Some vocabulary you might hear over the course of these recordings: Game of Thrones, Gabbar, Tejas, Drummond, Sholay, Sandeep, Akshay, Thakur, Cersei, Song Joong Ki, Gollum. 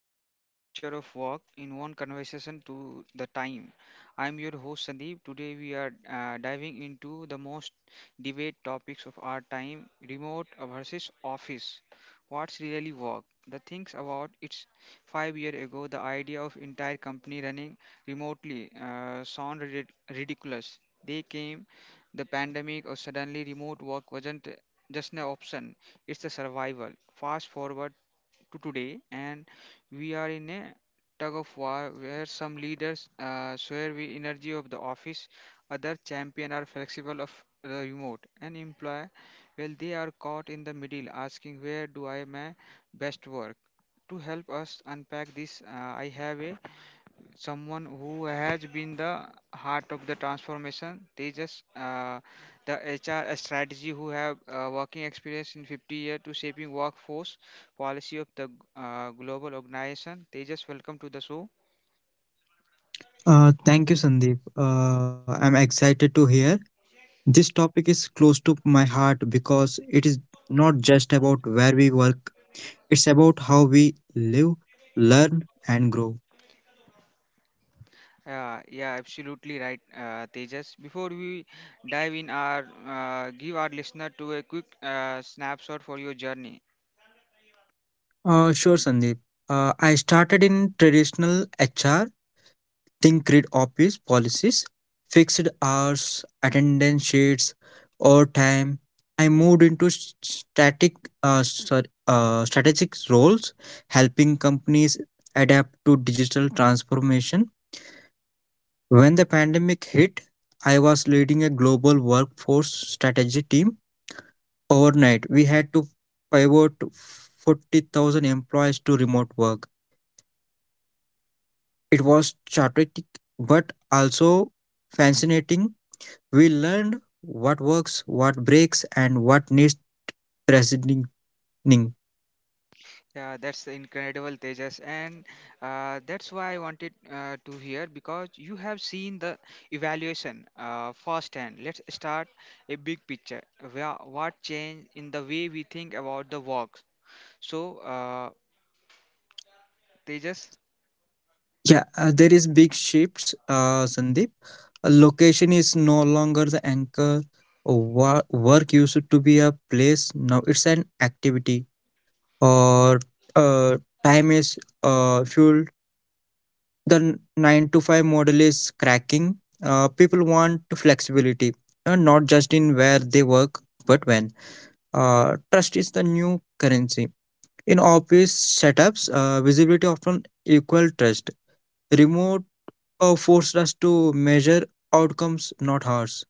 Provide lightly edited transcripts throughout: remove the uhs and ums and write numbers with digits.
decode the future of work in one conversation to the time. I'm your host Sandeep. Today, we are diving into the most debate topics of our time remote versus office. What's really work? The things about it's 5 years ago, the idea of entire company running remotely sound ridiculous. They came the pandemic or suddenly remote work wasn't just an option it's a survival. Fast forward to today, and we are in a tug of war where some leaders swear the energy of the office, other champion are flexible of the remote, and employer, well, they are caught in the middle asking where do I my best work. To help us unpack this, I have a someone who has been the heart of the transformation they just the hr strategy who have working experience in 50 year to shaping workforce policy of the global organization they just welcome to the show Thank you, Sandeep. I'm excited to hear. This topic is close to my heart because it is not just about where we work, it's about how we live, learn, and grow. yeah, yeah, absolutely right, Tejas. Before we dive in, our give our listener to a quick snapshot for your journey. Sure, Sandeep. I started in traditional HR think grid office policies, fixed hours, attendance sheets, overtime. I moved into strategic roles, helping companies adapt to digital transformation. When the pandemic hit, I was leading a global workforce strategy team. Overnight, we had to pivot 40,000 employees to remote work. It was chaotic but also fascinating. We learned what works, what breaks, and what needs presenting. Yeah, Yeah, that's incredible, Tejas, and that's why I wanted to hear because you have seen the evaluation firsthand. Let's start a big picture. Where, what changed in the way we think about the works? So, Tejas. uh, there is big shifts, Sandeep. A location is no longer the anchor. Work used to be a place. Now it's an activity. Or uh, time is fueled. The nine to five model is cracking. People want flexibility, not just in where they work, but when. Trust is the new currency. In office setups, visibility often equal trust. Remote forced us to measure outcomes, not hours.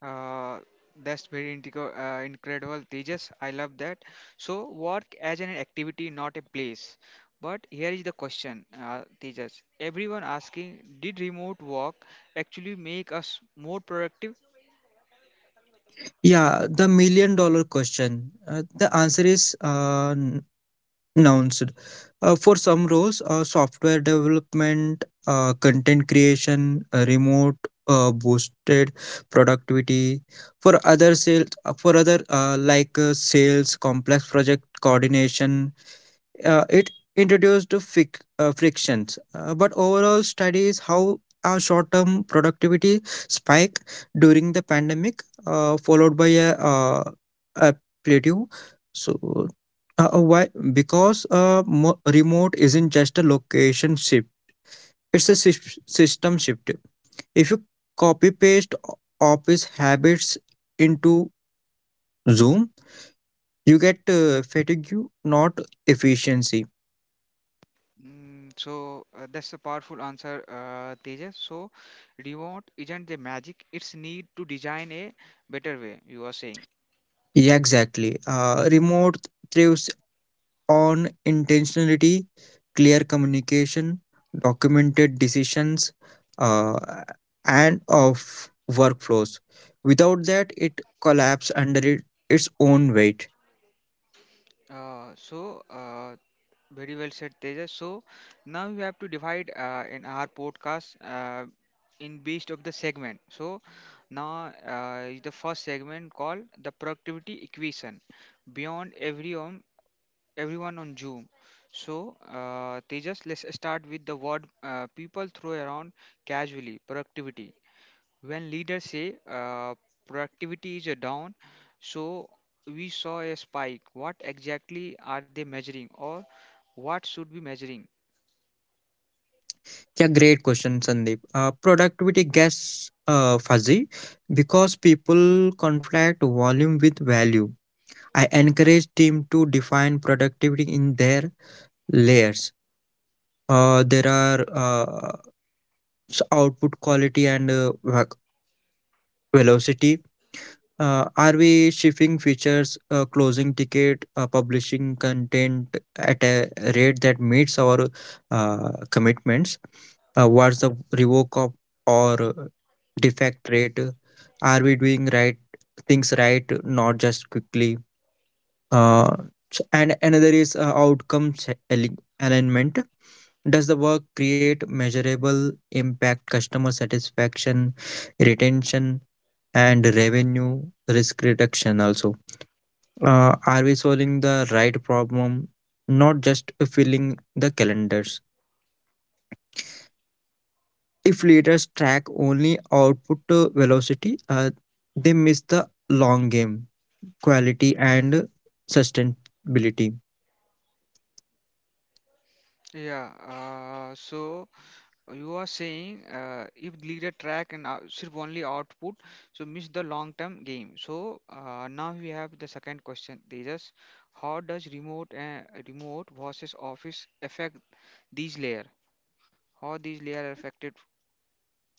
Uh, that's very integral, incredible, Tejas. I love that. So, work as an activity, not a place. But here is the question, Tejas. Everyone asking, did remote work actually make us more productive? Yeah, the million dollar question. The answer is announced. For some roles, software development, content creation, remote boosted productivity. For other sales, for other like sales, complex project coordination, it introduced frictions, but overall studies how our short-term productivity spike during the pandemic, followed by a plateau. So why? Because remote isn't just a location shift; it's a system shift. If you copy paste office habits into Zoom, you get fatigue, not efficiency. Mm, so that's a powerful answer, Tejas. So, remote isn't the magic; it's need to design a better way. You are saying. Yeah, exactly. Remote thrives on intentionality, clear communication, documented decisions, uh, and of workflows. Without that, it collapses under its own weight. Uh, so, uh, Very well said, Tejas. So now we have to divide in our podcast in based of the segment. So now is the first segment called the productivity equation beyond everyone everyone on Zoom. So Tejas, let's start with the word people throw around casually productivity when leaders say productivity is down so we saw a spike what exactly are they measuring or what should be measuring Yeah, great question, Sandeep. Productivity gets fuzzy because people conflate volume with value. I encourage team to define productivity in their layers. There are output quality and velocity. Are we shipping features, closing ticket, publishing content at a rate that meets our commitments? What's the revoke of or defect rate? Are we doing right things right, not just quickly? Uh, and another is outcome alignment. Does the work create measurable impact, customer satisfaction, retention, and revenue risk reduction? Also, are we solving the right problem, not just filling the calendars? If leaders track only output velocity, they miss the long game, quality, and sustainability. yeah so you are saying if leader track and serve only output so miss the long term game so now we have the second question tejas how does remote versus office affect these layer how these layer are affected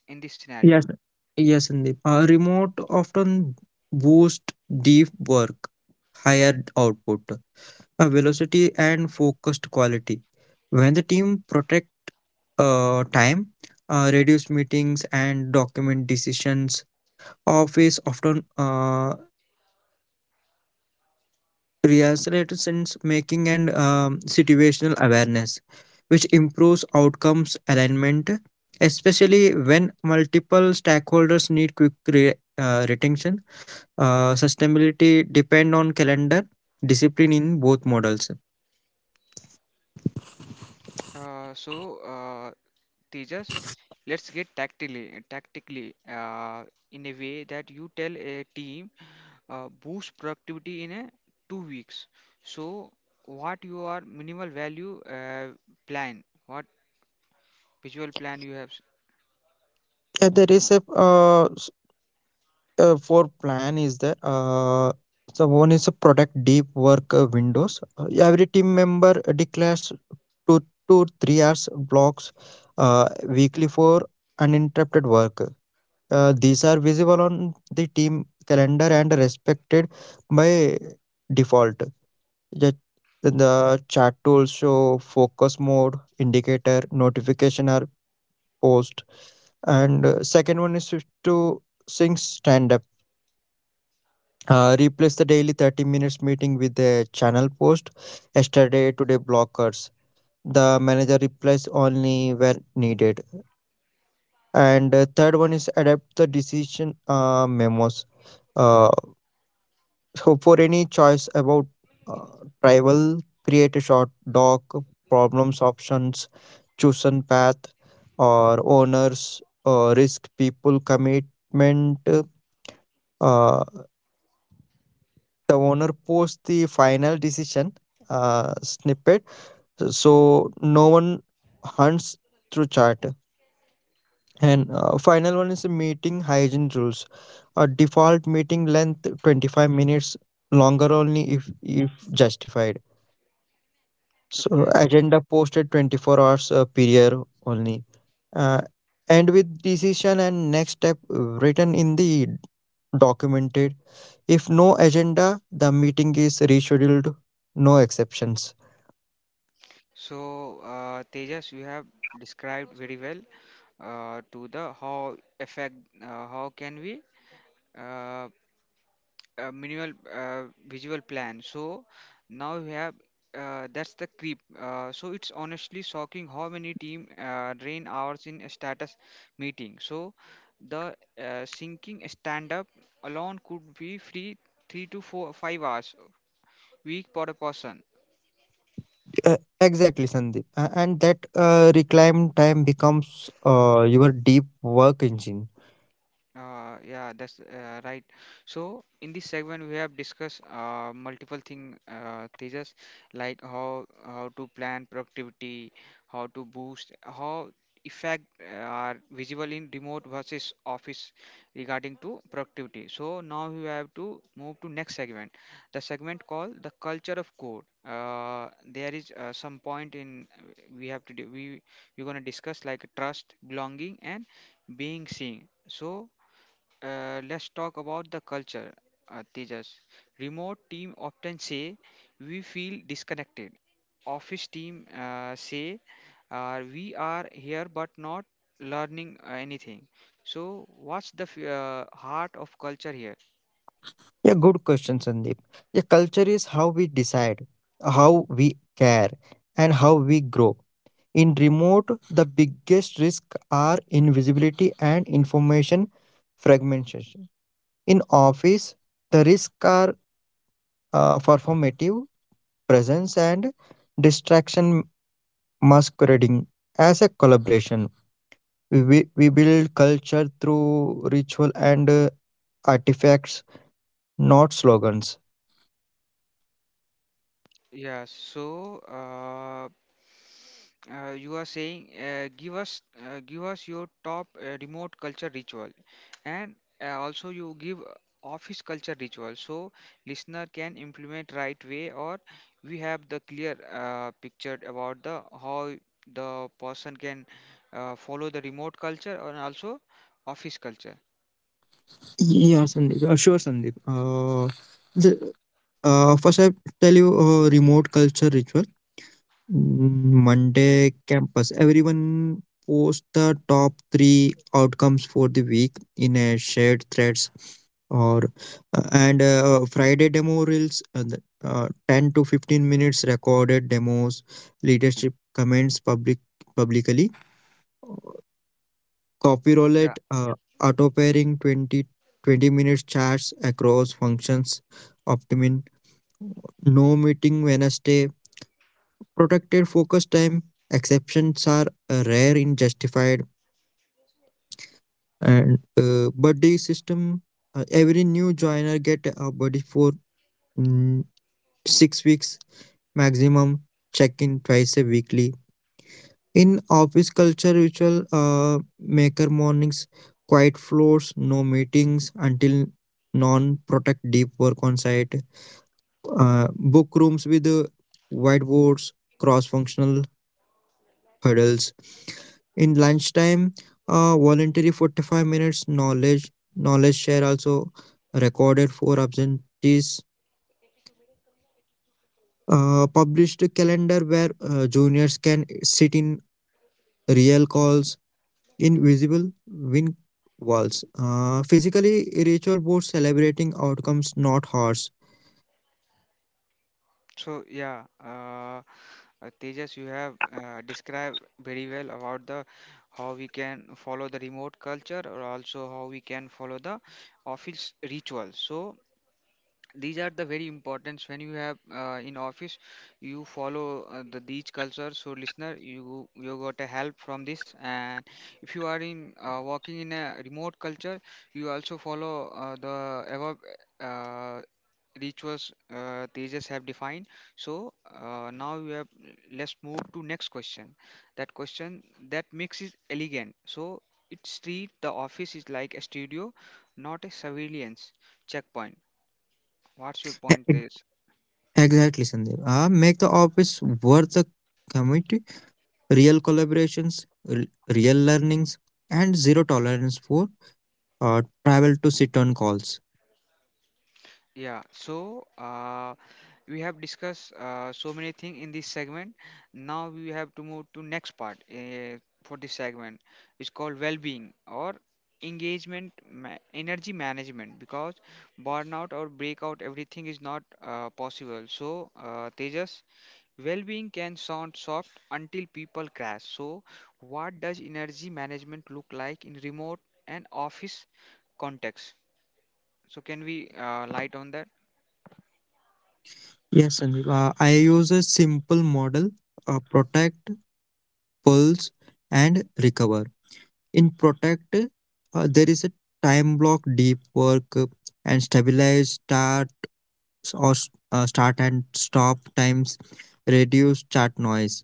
in this scenario Yes. Yes, Sandeep. Remote often boost deep work, higher output, velocity, and focused quality. When the team protect time, reduce meetings, and document decisions, office often reaccelerates sense making and situational awareness, which improves outcomes alignment, especially when multiple stakeholders need quick retention. Sustainability depend on calendar discipline in both models. So teachers let's get tactically in a way that you tell a team boost productivity in a 2 weeks so what your minimal value plan what visual plan you have Yeah, there is a for plan is there. So one is a product deep work windows, every team member declares 2 to 3 hours blocks, uh, weekly for uninterrupted work. These are visible on the team calendar and respected by default. That, then the chat tools show focus mode, indicator, notification are post. And second one is to sync stand up. Replace the daily 30 minutes meeting with a channel post, yesterday, today blockers. The manager replies only where needed. And third one is adapt the decision memos. Uh, So for any choice about uh, travel, create a short doc, problems options, chosen path, or owners, risk people commitment. Uh, the owner posts the final decision snippet, so no one hunts through chart. And final one is the meeting hygiene rules. A default meeting length 25 minutes, longer only if justified. So okay agenda posted 24 hours prior only. Uh, and with decision and next step written in the documented. If no agenda, the meeting is rescheduled. No exceptions. so tejas you have described very well to the how effect uh, how can we uh, minimal visual plan so now we have that's the creep so it's honestly shocking how many team drain hours in a status meeting so the syncing stand up alone could be free 3 to 4 5 hours a week per person. Exactly, Sandeep. And that reclaim time becomes your deep work engine. Yeah, that's right. So in this segment, we have discussed multiple thing, Tejas, like how to plan productivity, how to boost, how effect are visible in remote versus office regarding to productivity. So now we have to move to next segment, the segment called the culture of code. There is some point in we have to do, we we're gonna discuss like trust, belonging, and being seen. So let's talk about the culture, Tejas. Remote team often say we feel disconnected. Office team say we are here but not learning anything. So, what's the heart of culture here? Yeah, good question, Sandeep. Yeah, culture is how we decide, how we care, and how we grow. In remote, the biggest risks are invisibility and information fragmentation. In office, the risks are performative presence and distraction masquerading as a collaboration. We build culture through ritual and artifacts, not slogans. Yeah, so you are saying give us your top remote culture ritual, and also you give office culture ritual, so listener can implement right way, or we have the clear picture about the how the person can follow the remote culture and also office culture. Yeah, Sandeep. Sure, Sandeep. The, First, I tell you remote culture ritual. Mm, Yes. Monday campus. Everyone posts the top three outcomes for the week in a shared threads. Or and Friday demo reels, 10 to 15 minutes recorded demos, leadership comments publicly. Copy roulette, auto pairing twenty twenty 20-minute chats across functions, optimum, no meeting Wednesday, protected focus time. Exceptions are rare in justified. And buddy system. Every new joiner get a buddy for mm, 6 weeks maximum. Check in twice a weekly. In office culture, ritual maker mornings, quiet floors, no meetings until non protect deep work on site, book rooms with whiteboards, cross functional hurdles. In lunchtime, voluntary 45 minutes knowledge share also recorded for absentees. Published calendar where juniors can sit in real calls. Invisible win walls. Physically, ritual boards celebrating outcomes, not hours. So yeah, Tejas, you have described very well about the how we can follow the remote culture or also how we can follow the office ritual. So these are the very importance when you have in office you follow the these culture so listener you got a help from this and if you are in working in a remote culture you also follow the above uh, rituals teachers have defined so now you have let's move to next question that makes it elegant so it's treat the office is like a studio not a surveillance checkpoint. What's your E- point e-, Tejas? Exactly, Sandeep. Make the office worth the commit. Real collaborations, real learnings, and zero tolerance for travel to sit on calls. Yeah, so we have discussed so many things in this segment. Now we have to move to next part for this segment. It's called well-being or engagement energy management because burnout or breakout everything is not possible. So Tejas, well-being can sound soft until people crash. So what does energy management look like in remote and office context? So can we light on that? Yes, Sandeep. I use a simple model: protect, pulse, and recover. In protect, there is a time block, deep work, and stabilize, start. S- or s- start and stop times, reduce chat noise.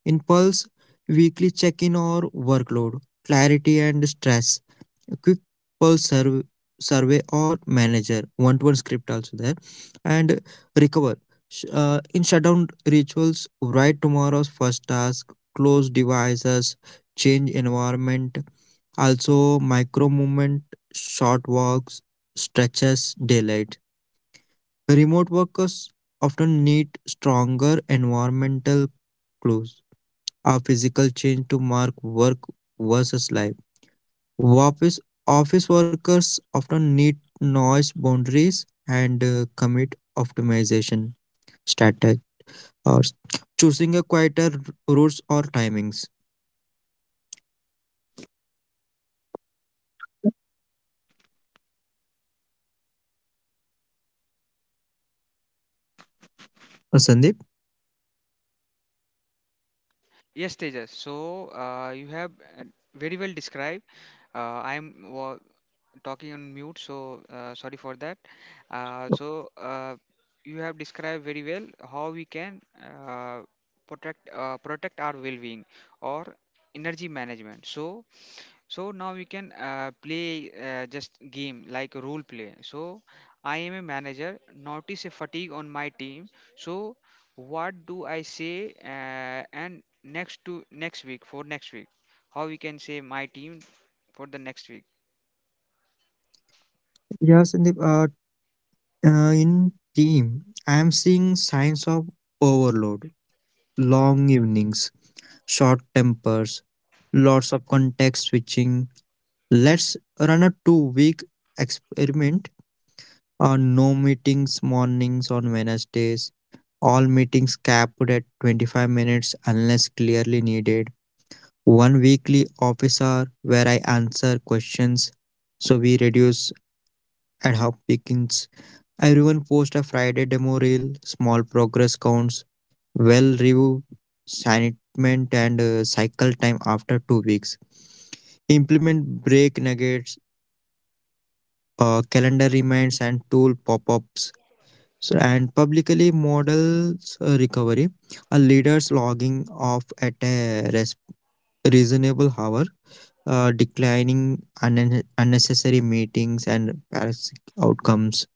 In Pulse, weekly check in or workload, clarity and stress, a quick Pulse survey or manager, one to one script also there, and recover. In shutdown rituals, write tomorrow's first task, close devices, change environment, also micro movement, short walks, stretches, daylight. Remote workers often need stronger environmental clues, a physical change to mark work versus life. Office, Office workers often need noise boundaries and commit optimization strategy or choosing a quieter routes or timings. Sandeep? Yes, Tejas. So you have uh, very well described. I am talking on mute, so sorry for that. Uh, so uh, you have described very well how we can protect our well-being or energy management. So so now we can play just game like role play. So I am a manager. Notice a fatigue on my team. So what do I say and next to next week for next week? How we can say my team for the next week? Yeah, Sandeep. In team, I am seeing signs of overload, long evenings, short tempers, lots of context switching. Let's run a 2 week experiment on no meetings mornings on Wednesdays, all meetings capped at 25 minutes unless clearly needed. One weekly office hour where I answer questions so we reduce ad hoc pickings. Everyone post a Friday demo reel, small progress counts. Well, review assignment and cycle time after 2 weeks, implement break nuggets, calendar reminds and tool pop-ups. So, and publicly models recovery, a leader's logging off at a reasonable hour, declining unnecessary meetings and parasitic outcomes.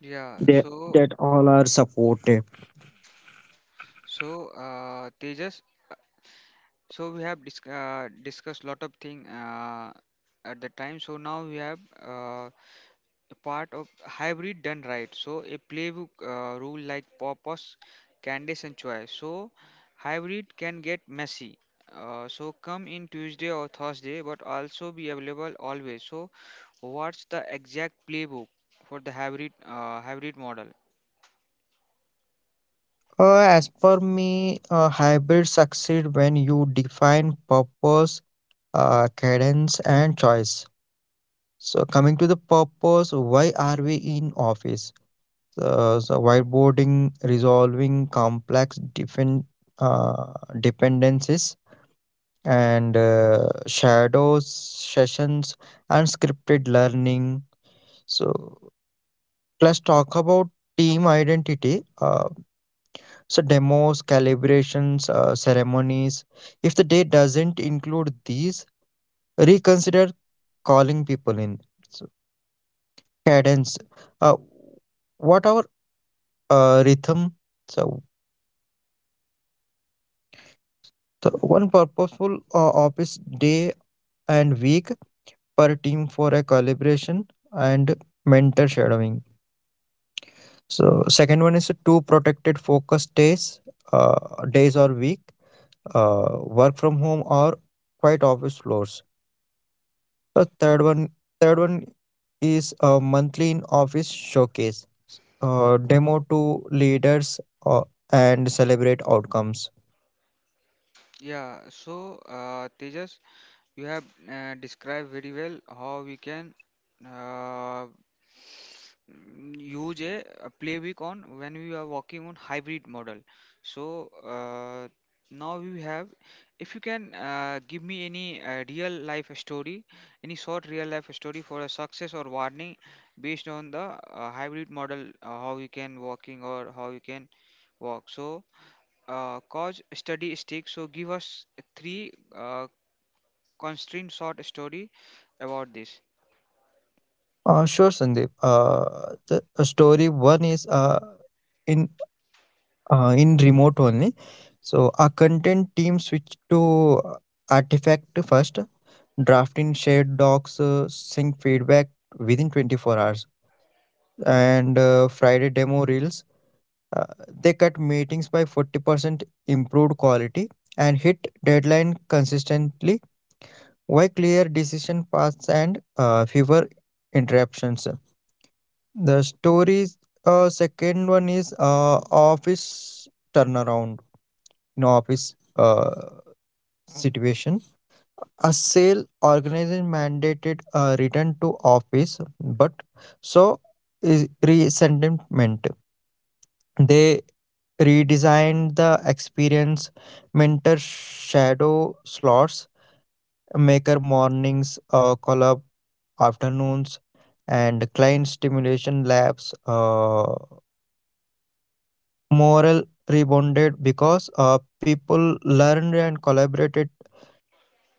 Yeah, that, so that all are supported. so Tejas, so we have discussed lot of thing at the time. So now we have a part of hybrid done right. So a playbook rule like purpose, candidates and choice. So hybrid can get messy. So come in Tuesday or Thursday, but also be available always. So what's the exact playbook for the hybrid hybrid model? As per me, hybrids succeed when you define purpose, cadence, and choice. So, coming to the purpose, why are we in office? So whiteboarding, resolving complex different uh, dependencies and shadows sessions and scripted learning. So, let's talk about team identity. So demos, calibrations, ceremonies. If the day doesn't include these, reconsider calling people in. So cadence. Uh, what our rhythm? So the one purposeful office day and week per team for a calibration and mentor shadowing. So second one is two protected focus days, days or week, work from home or quiet office floors. The third one is a monthly in office showcase, demo to leaders and celebrate outcomes. Yeah, so Tejas. You have described very well how we can uh, use a playbook on when we are working on hybrid model. So now we have, if you can give me any real life story, any short real life story for a success or warning based on the hybrid model, how you can working or how you can work. So cause study stick. So give us three. Constrained short story about this. Sure, Sandeep. The story one is in in remote only. So our content team switch to artifact first, draft in shared docs, sync feedback within 24 hours, and Friday demo reels. Uh, they cut meetings by 40%, improved quality, and hit deadline consistently. Why clear decision paths and fewer interruptions? The stories. Second one is office turnaround. You office situation. A sale organization mandated a return to office, but so is resentment. They redesigned the experience, mentor shadow slots, maker mornings, call up afternoons, and client stimulation labs. Moral rebounded because people learned and collaborated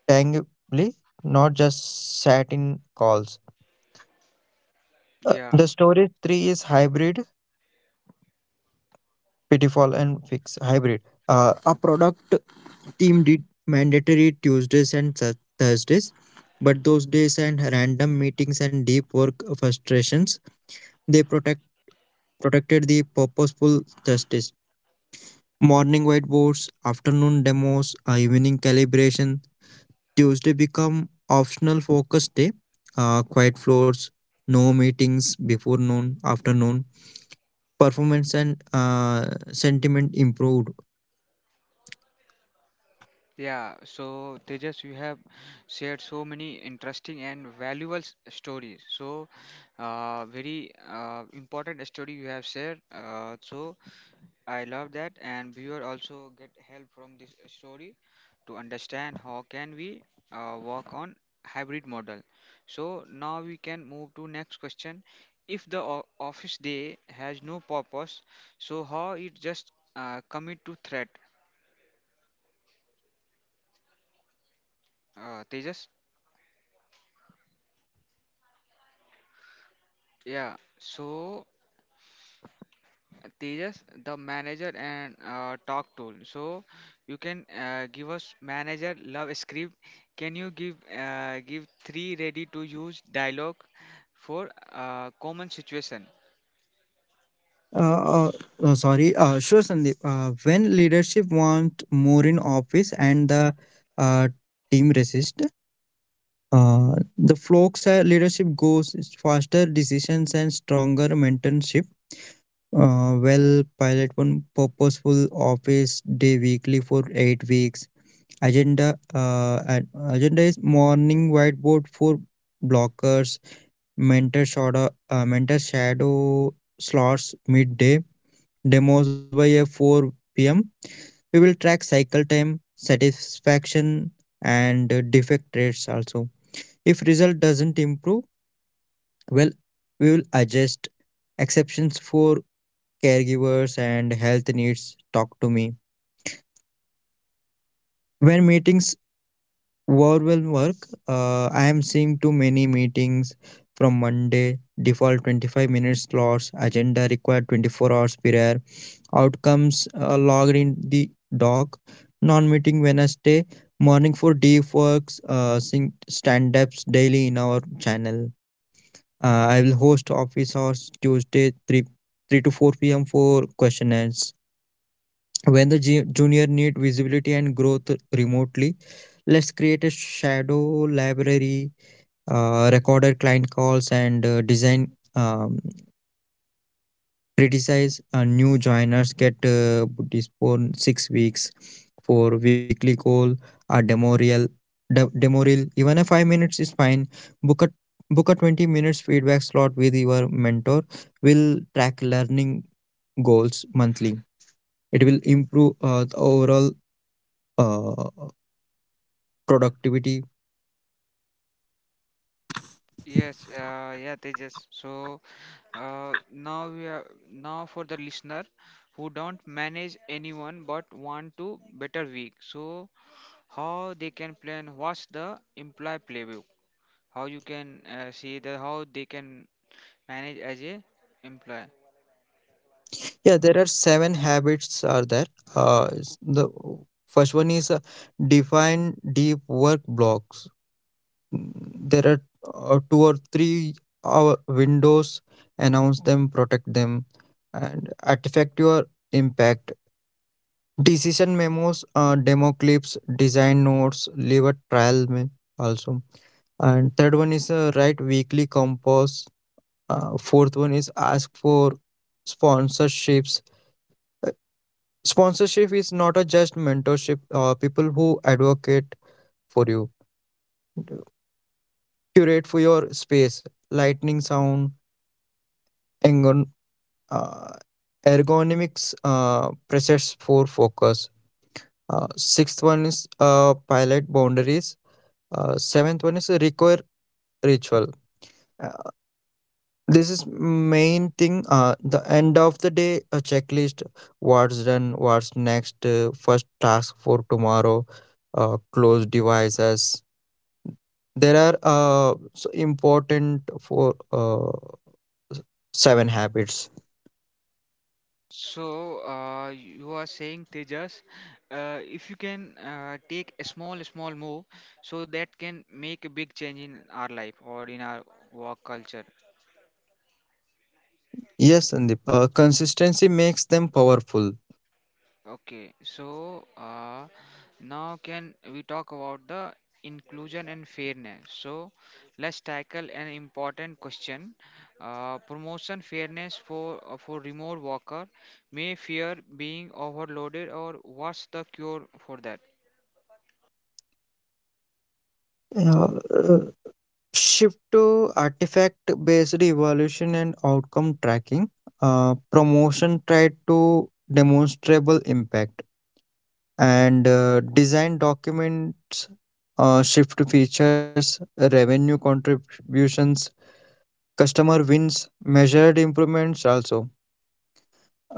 tangibly, not just sat in calls. Yeah, The story three is hybrid. Pitfall and fix hybrid. A product team did mandatory Tuesdays and Thursdays, but those days and random meetings and deep work frustrations, they protected the purposeful Thursdays. Morning whiteboards, afternoon demos, evening calibration. Tuesday become optional focus day. Quiet floors, no meetings before noon, afternoon. Performance and sentiment improved. yeah. So Tejas, you have shared so many interesting and valuable stories. So very important story you have shared. So I love that, and viewer also get help from this story to understand how can we work on hybrid model. So now we can move to next question. If the office day has no purpose, so how it just commit to threat? Tejas? Yeah. So Tejas, the manager and talk tool. So you can give us manager love script. Can you give give three ready to use dialogue for common situation? Uh, uh, sure, Sandeep. When leadership want more in office and the team resist, the flocks leadership goes is faster decisions and stronger mentorship. Well, pilot one purposeful office day weekly for 8 weeks. Agenda and agenda is morning whiteboard for blockers, mentor shadow slots, midday demos by a 4 pm. We will track cycle time, satisfaction, and defect rates also. If result doesn't improve, well, we will adjust exceptions for caregivers and health needs. Talk to me. When meetings overwhelm work, I am seeing too many meetings. From Monday, default 25-minute slots, agenda required 24 hours per hour, outcomes logged in the doc, non-meeting Wednesday, morning for deep works, stand-ups daily in our channel. I will host office hours Tuesday 3 to 4 p.m. for questionnaires. When the junior need visibility and growth remotely, let's create a shadow library, recorded client calls, and design criticize. New joiners get postponed 6 weeks. For weekly call, a demo reel, demo reel, even a 5 minutes is fine. Book a book a 20 minutes feedback slot with your mentor. Will track learning goals monthly. It will improve the overall uh, productivity. Yes, yeah, Tejas. So now we are now for the listener who don't manage anyone but want to better week. So how they can plan? What's the imply playbook? How you can see the how they can manage as a employee Yeah, there are seven habits are there. The first one is define deep work blocks. There are 2 or 3 hour windows. Announce them, protect them, and artifact your impact: decision memos, demo clips, design notes. Leave a trial me also. And third one is write weekly compos. Fourth one is ask for sponsorships. Uh, Sponsorship is not a just mentorship, people who advocate for you, curate for your space, lightning sound, uh, ergonomics, presets for focus. Sixth one is pilot boundaries. Seventh one is require ritual. Uh, this is main thing. The end of the day a checklist: what's done, what's next, first task for tomorrow, close devices. There are so important for uh, seven habits. so you are saying tejas if you can take a small small move so that can make a big change in our life or in our work culture. Yes, Sandeep. Consistency makes them powerful. Okay, so now can we talk about the inclusion and fairness? So let's tackle an important question. Promotion fairness for for remote worker may fear being overloaded, or what's the cure for that? Yeah, uh, shift to artifact based evaluation and outcome tracking. Promotion tried to demonstrable impact and design documents, shift features, revenue contributions, customer wins, measured improvements also.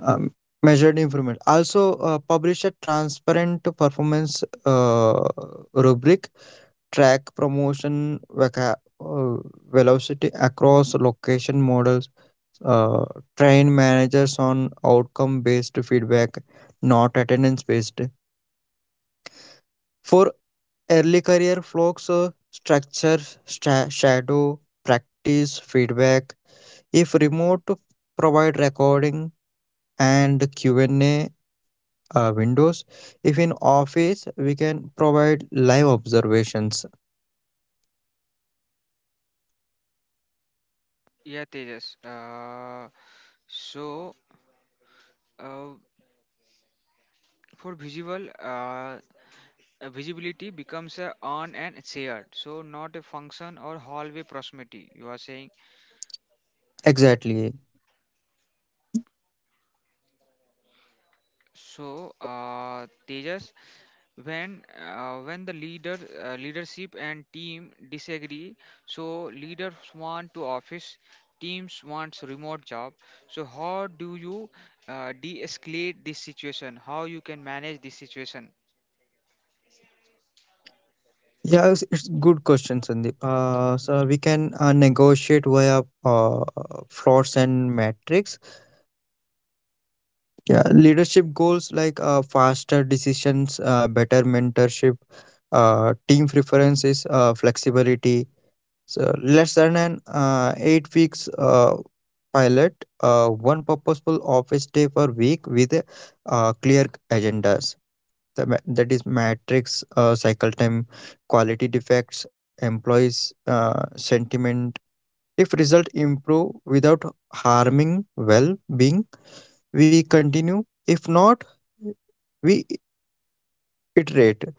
Um, Measured improvement also. Publish a transparent performance rubric. Track promotion velocity across location models, uh, train managers on outcome based feedback, not attendance based. For early career folks, structure, shadow, practice, feedback. If remote, provide recording and Q&A windows. If in office, we can provide live observations. Yeah, Tejas. So uh, for visible, visibility becomes a on and shared. So not a function or hallway proximity. You are saying. Exactly. So, Tejas, when when the leader leadership and team disagree, so leaders want to office, teams wants remote job. So, how do you de-escalate this situation? How you can manage this situation? Yeah, it's good question, Sandeep. So we can negotiate via frauds and metrics. Yeah, leadership goals like faster decisions, better mentorship, team preferences, flexibility. So less than an 8 weeks pilot, one purposeful office day per week with clear agendas. That is matrix: cycle time, quality defects, employees sentiment. If result improve without harming well-being, we continue. If not, we iterate.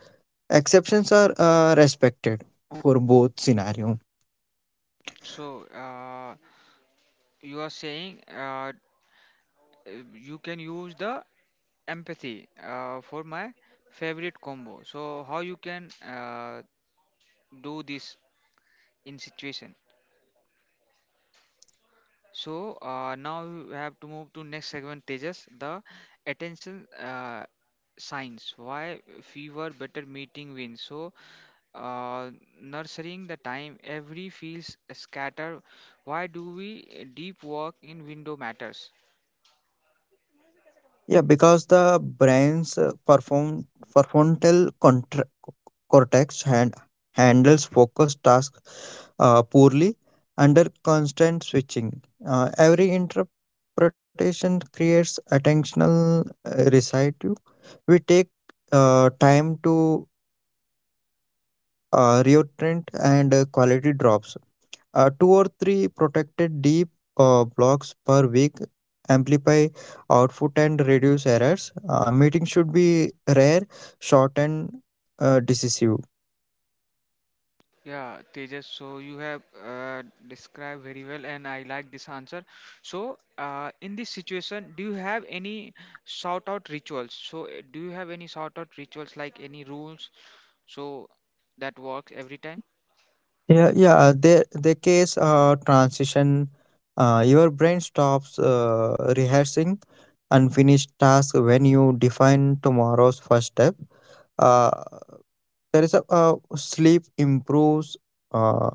Exceptions are respected for both scenario. So, you are saying you can use the empathy for my favorite combo. So, how you can do this in situation? So now we have to move to next segment, Tejas, the attention science. Why fewer better meeting wins. So uh, nurturing the time every feels scatter. Why do we deep work in window matters? Yeah, because the brain's prefrontal contra- cortex handles focused tasks poorly under constant switching. Every interpretation creates attentional residue. We take time to reorient and quality drops. Two or three protected deep blocks per week amplify output and reduce errors. Meetings should be rare, short, and decisive. Yeah, Tejas, so you have described very well, and I like this answer. So, in this situation, do you have any shout out rituals? So, do you have any shout out rituals like any rules so that works every time. Yeah, yeah. The case transition, your brain stops rehearsing unfinished task when you define tomorrow's first step. Uh, there is a sleep improves. Uh,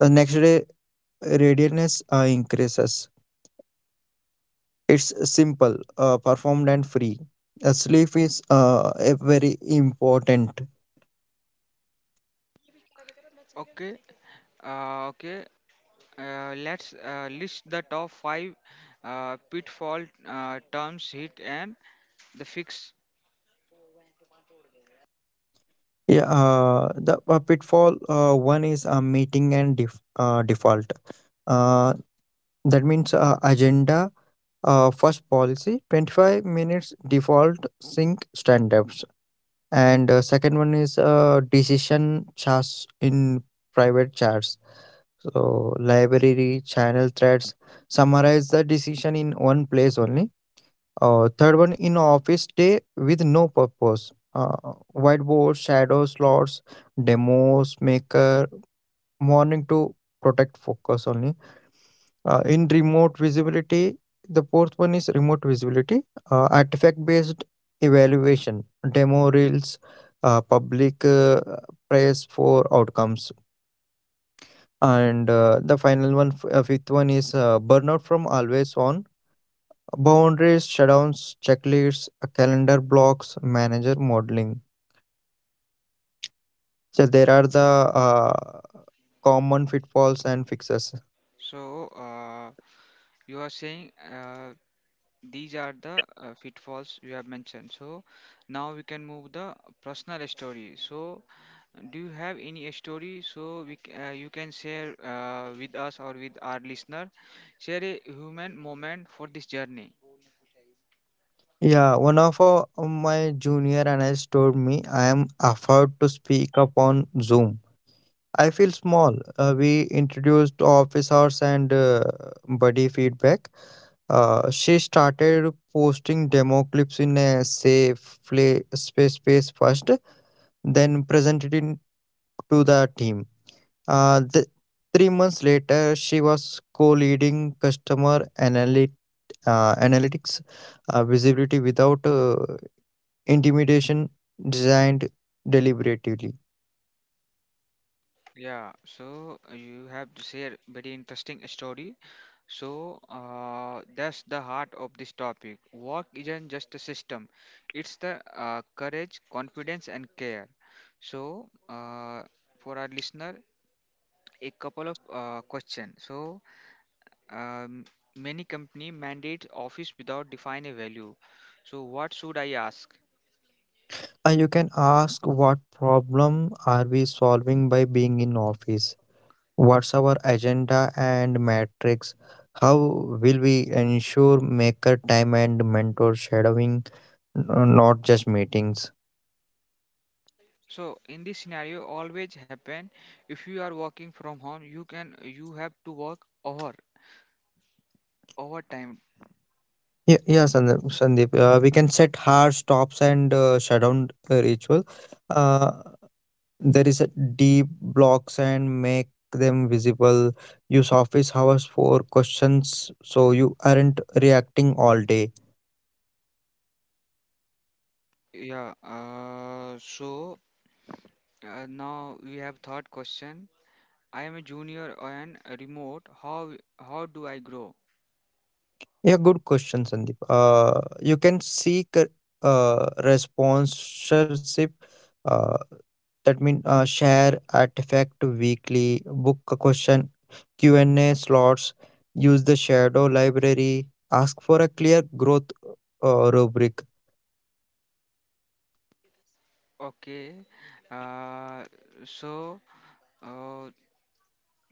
the next day, readiness increases. It's simple, performed and free. Sleep is a very important. Okay, okay. Let's list the top five pitfall terms hit and the fix. Yeah, the pitfall one is default. Uh, That means agenda, first policy, 25 minutes default sync stand-ups. And second one is decision charts in private chats. So library, channel threads, summarize the decision in one place only. Third one: in office day with no purpose. Whiteboard, shadow slots, demos, maker, morning to protect focus only. Uh, in remote visibility, the fourth one is remote visibility, artifact based evaluation, demo reels, public praise for outcomes. And the final one, f- fifth one is burnout from always on, boundaries, shutdowns, checklists, calendar blocks, manager modeling. So there are the uh, common pitfalls and fixes. So you are saying these are the pitfalls you have mentioned. So now we can move the personal story. So do you have any story so you can share with us or with our listener? Share a human moment for this journey. Yeah, one of my junior analyst told me, I am afraid to speak up on Zoom. I feel small. We introduced office hours and buddy feedback. She started posting demo clips in a safe play space first, then presented it to the team. Uh, th- 3 months later, she was co-leading customer analytics, visibility without intimidation, designed deliberately. Yeah, so you have to share very interesting story. So that's the heart of this topic. Work isn't just a system; it's the courage, confidence, and care. So for our listener, a couple of questions. So um, many company mandate office without define a value. So what should I ask? You can ask, what problem are we solving by being in office? What's our agenda and matrix? How will we ensure maker time and mentor shadowing, not just meetings? So in this scenario, always happen. If you are working from home, you have to work over over time, Yeah, yeah, Sandeep. Sandeep. We can set hard stops and shut down ritual. Uh, There is a deep blocks and make them visible. Use office hours for questions so you aren't reacting all day. yeah. Now we have third question. I am a junior and remote. How do I grow? Yeah, good question, Sandeep. You can seek sponsorship. Uh, that means share artifact weekly, book a question, Q and A slots, use the shadow library, ask for a clear growth rubric. Okay. Uh, so uh,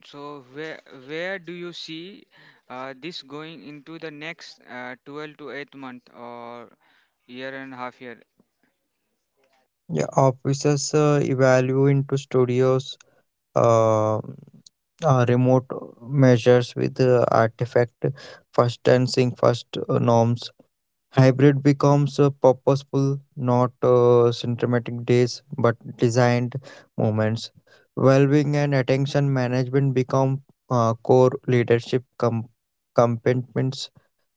so where do you see this going into the next 12 to 8 month or year and half year? Yeah, offices evolve into studios, uh, remote measures with artifact first, dancing first norms. Hybrid becomes purposeful, not symptomatic days but designed moments. Well-being and attention management become core leadership components.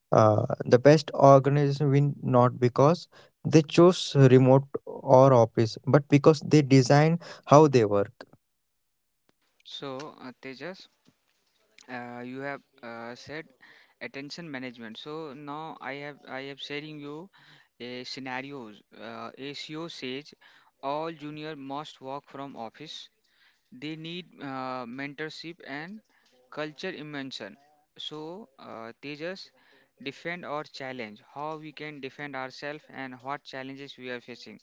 uh, the best organization win not because they chose remote or office but because they design how they work. So Tejas, you have said attention management so now I have sharing you a scenarios ACO says all junior must work from office they need mentorship and culture immersion so teachers defend or challenge how we can defend ourselves and what challenges we are facing.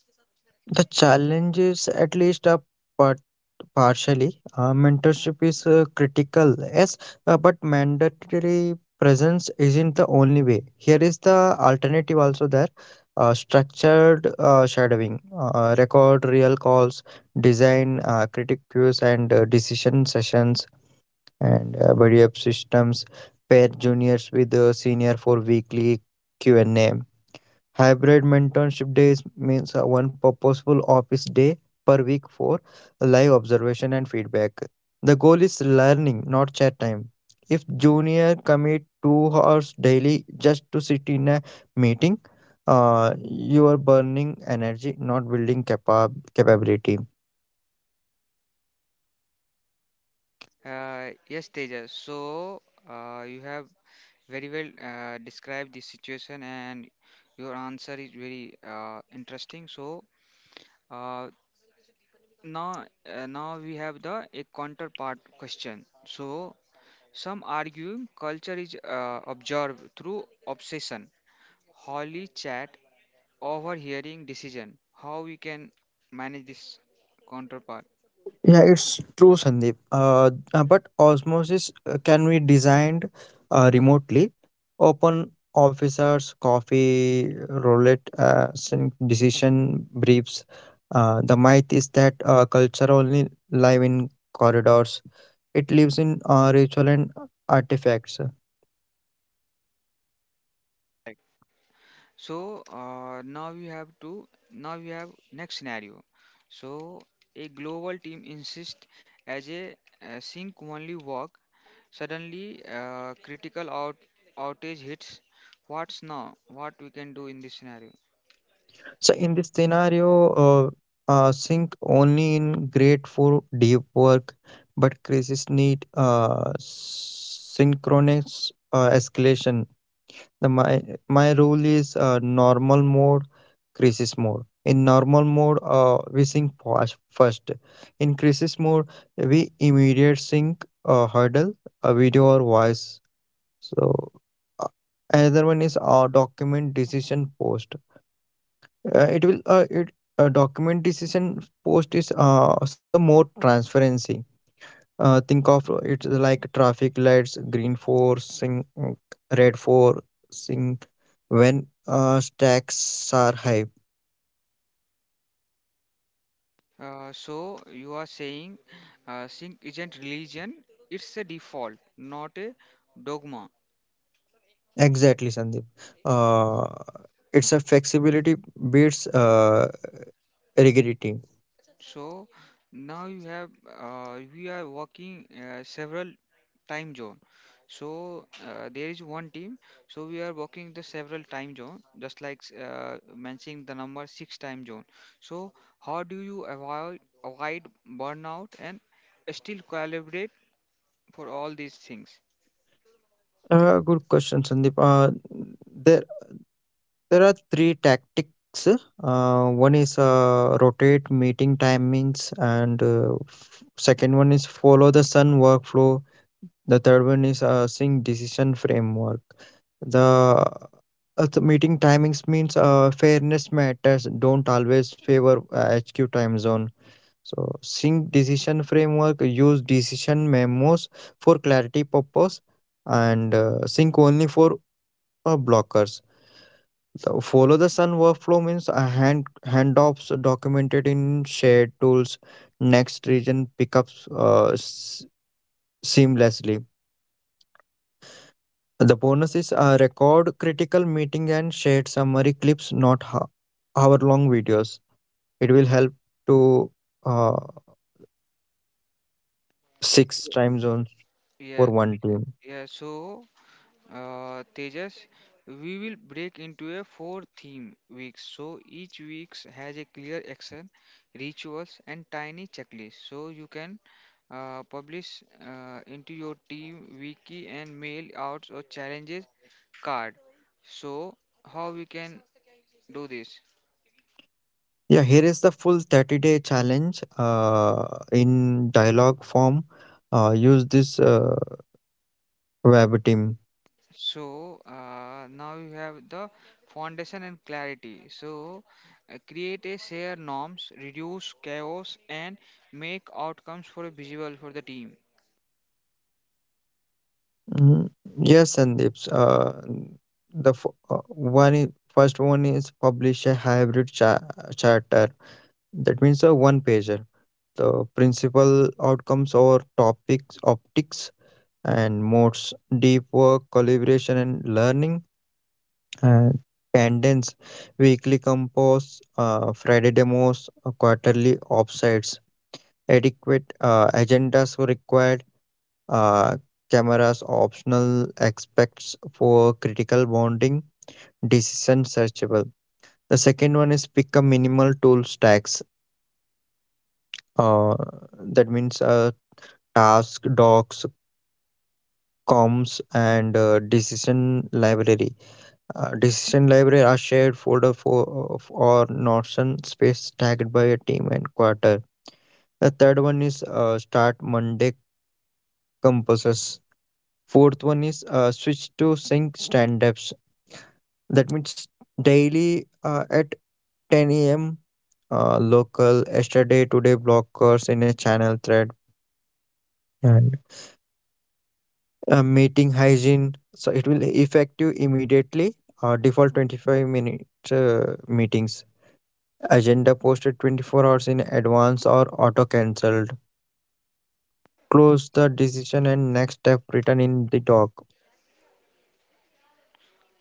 The challenges, at least part, partially, mentorship is critical, yes, but mandatory presence isn't the only way. Here is the alternative also there. Structured shadowing, record real calls, design critic cues and decision sessions, and buddy up systems. Pair juniors with senior for weekly Q&A. Hybrid mentorship days means one purposeful office day per week for live observation and feedback. The goal is learning, not chat time. If junior commit 2 hours daily just to sit in a meeting, you are burning energy, not building capability. Yes, tejas, so you have very well described the situation and your answer is very interesting so. Uh, Now we have the a counterpart question. So some argue culture is observed through obsession, holy chat, overhearing decision. How we can manage this counterpart? Yeah, it's true, Sandeep. But osmosis can be designed remotely. Open officers, coffee, roulette, decision briefs. The myth is that culture only live in corridors. It lives in ritual and artifacts. Correct. So now we have next scenario. So a global team insists as a, sync only work. Suddenly, critical outage hits. What's now? What we can do in this scenario? So in this scenario, sink only in great for deep work, but crisis need synchronous escalation. The, my rule is normal mode, crisis mode. In normal mode, we sink fast first. In crisis mode, we immediate sync hurdle, a video or voice. So uh, another one is our document decision post. It will it Document decision post is some more transparency. Think of it like traffic lights, green for sync, red for sync when stacks are high. Uh, so you are saying sync isn't religion; it's a default, not a dogma. Exactly, Sandeep. Uh, it's a flexibility beats rigidity. So now you have we are working several time zone. So there is one team. So we are working the several time zone, just like mentioning the number six time zone. So how do you avoid burnout and still collaborate for all these things? Good question, Sandeep. There there are three tactics. One is rotate meeting timings, and second one is follow the sun workflow. The third one is sync decision framework. The the meeting timings means fairness matters. Don't always favor HQ time zone. So sync decision framework: use decision memos for clarity purpose and sync only for blockers. The follow the sun workflow means handoffs documented in shared tools. Next region pickups seamlessly. The bonus is record critical meeting and shared summary clips, not hour long videos. It will help to uh, six time zones for Yeah, one yeah. team. Yeah. So Tejas, we will break into a four theme week. So each week has a clear action, rituals, and tiny checklist. So you can publish into your team wiki and mail out or challenges card. So how we can do this? Yeah, here is the full 30-day challenge in dialogue form. Use this web team. So now you have the foundation and clarity. So create a shared norms, reduce chaos, and make outcomes for a visual for the team. Mhm. Yes, and it's the f- one is, first one is publish a hybrid charter. That means a one pager. The principal outcomes or topics, optics, and modes: deep work, collaboration, and learning. uh, Cadence, weekly compose, Friday demos, quarterly offsites. Adequate agendas were required. Uh, Cameras optional. Aspects for critical bonding. Decision searchable. The second one is pick a minimal tool stacks. Uh, that means task docs, comms, and decision library. Decision library a shared folder for or notion space tagged by a team and quarter. The third one is start Monday compasses. Fourth one is switch to sync stand-ups. That means daily at 10 a.m. Local yesterday today blockers in a channel thread and meeting hygiene. So it will effective immediately. Default 25 minute meetings. Agenda posted 24 hours in advance or auto cancelled. Close the decision and next step written in the doc.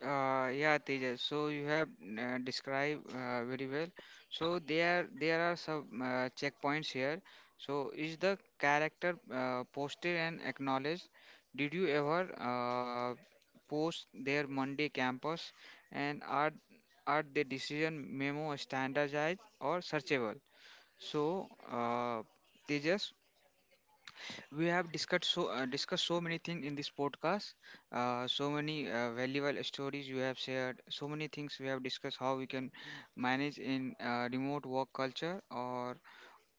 Yeah, Tejas. So you have described very well. So there are some checkpoints here. So is the character posted and acknowledged? Did you ever post their Monday campus? And are the decision memo standardized or searchable? So uh, Tejas, we have discussed so many things in this podcast, so many valuable stories you have shared, so many things we have discussed how we can manage in remote work culture or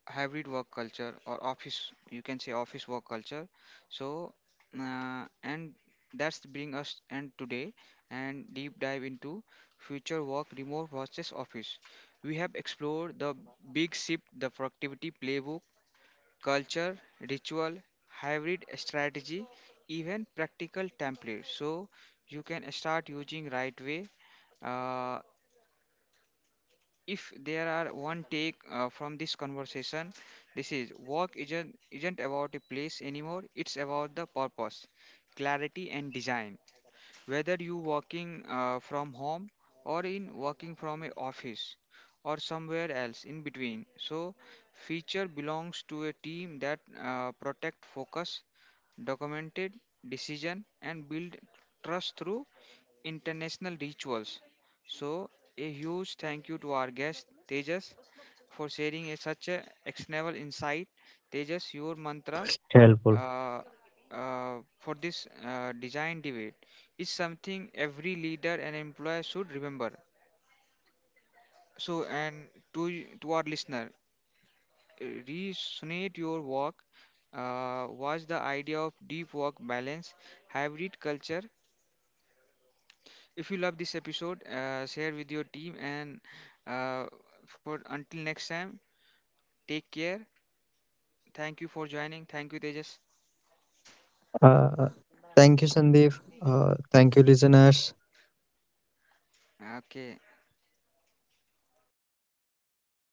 hybrid work culture or office, you can say office work culture. So and that's bring us end today, and deep dive into future work remote versus office. We have explored the big shift, the productivity playbook, culture, ritual, hybrid strategy, even practical templates. So you can start using right way. Uh, if there are one take from this conversation, this is work isn't about a place anymore. It's about the purpose, clarity, and design, whether you working from home or in working from a office or somewhere else in between. So feature belongs to a team that protect focus, documented decision and build trust through international rituals. So a huge International, thank you to our sorry, guest tejas intentional for rituals sharing a, also such a uh, actionable insight. Tejas, your mantra helpful. uh, for this design debate is something every leader and employer should remember. So, and to our listener, uh, resonate your work. Was the idea of deep work balance, hybrid culture. If you love this episode, share with your team. And uh, for until next time, take care. Thank you for joining. Thank you, Tejas. Uh, Thank you, Sandeep. Thank you, listeners. Okay.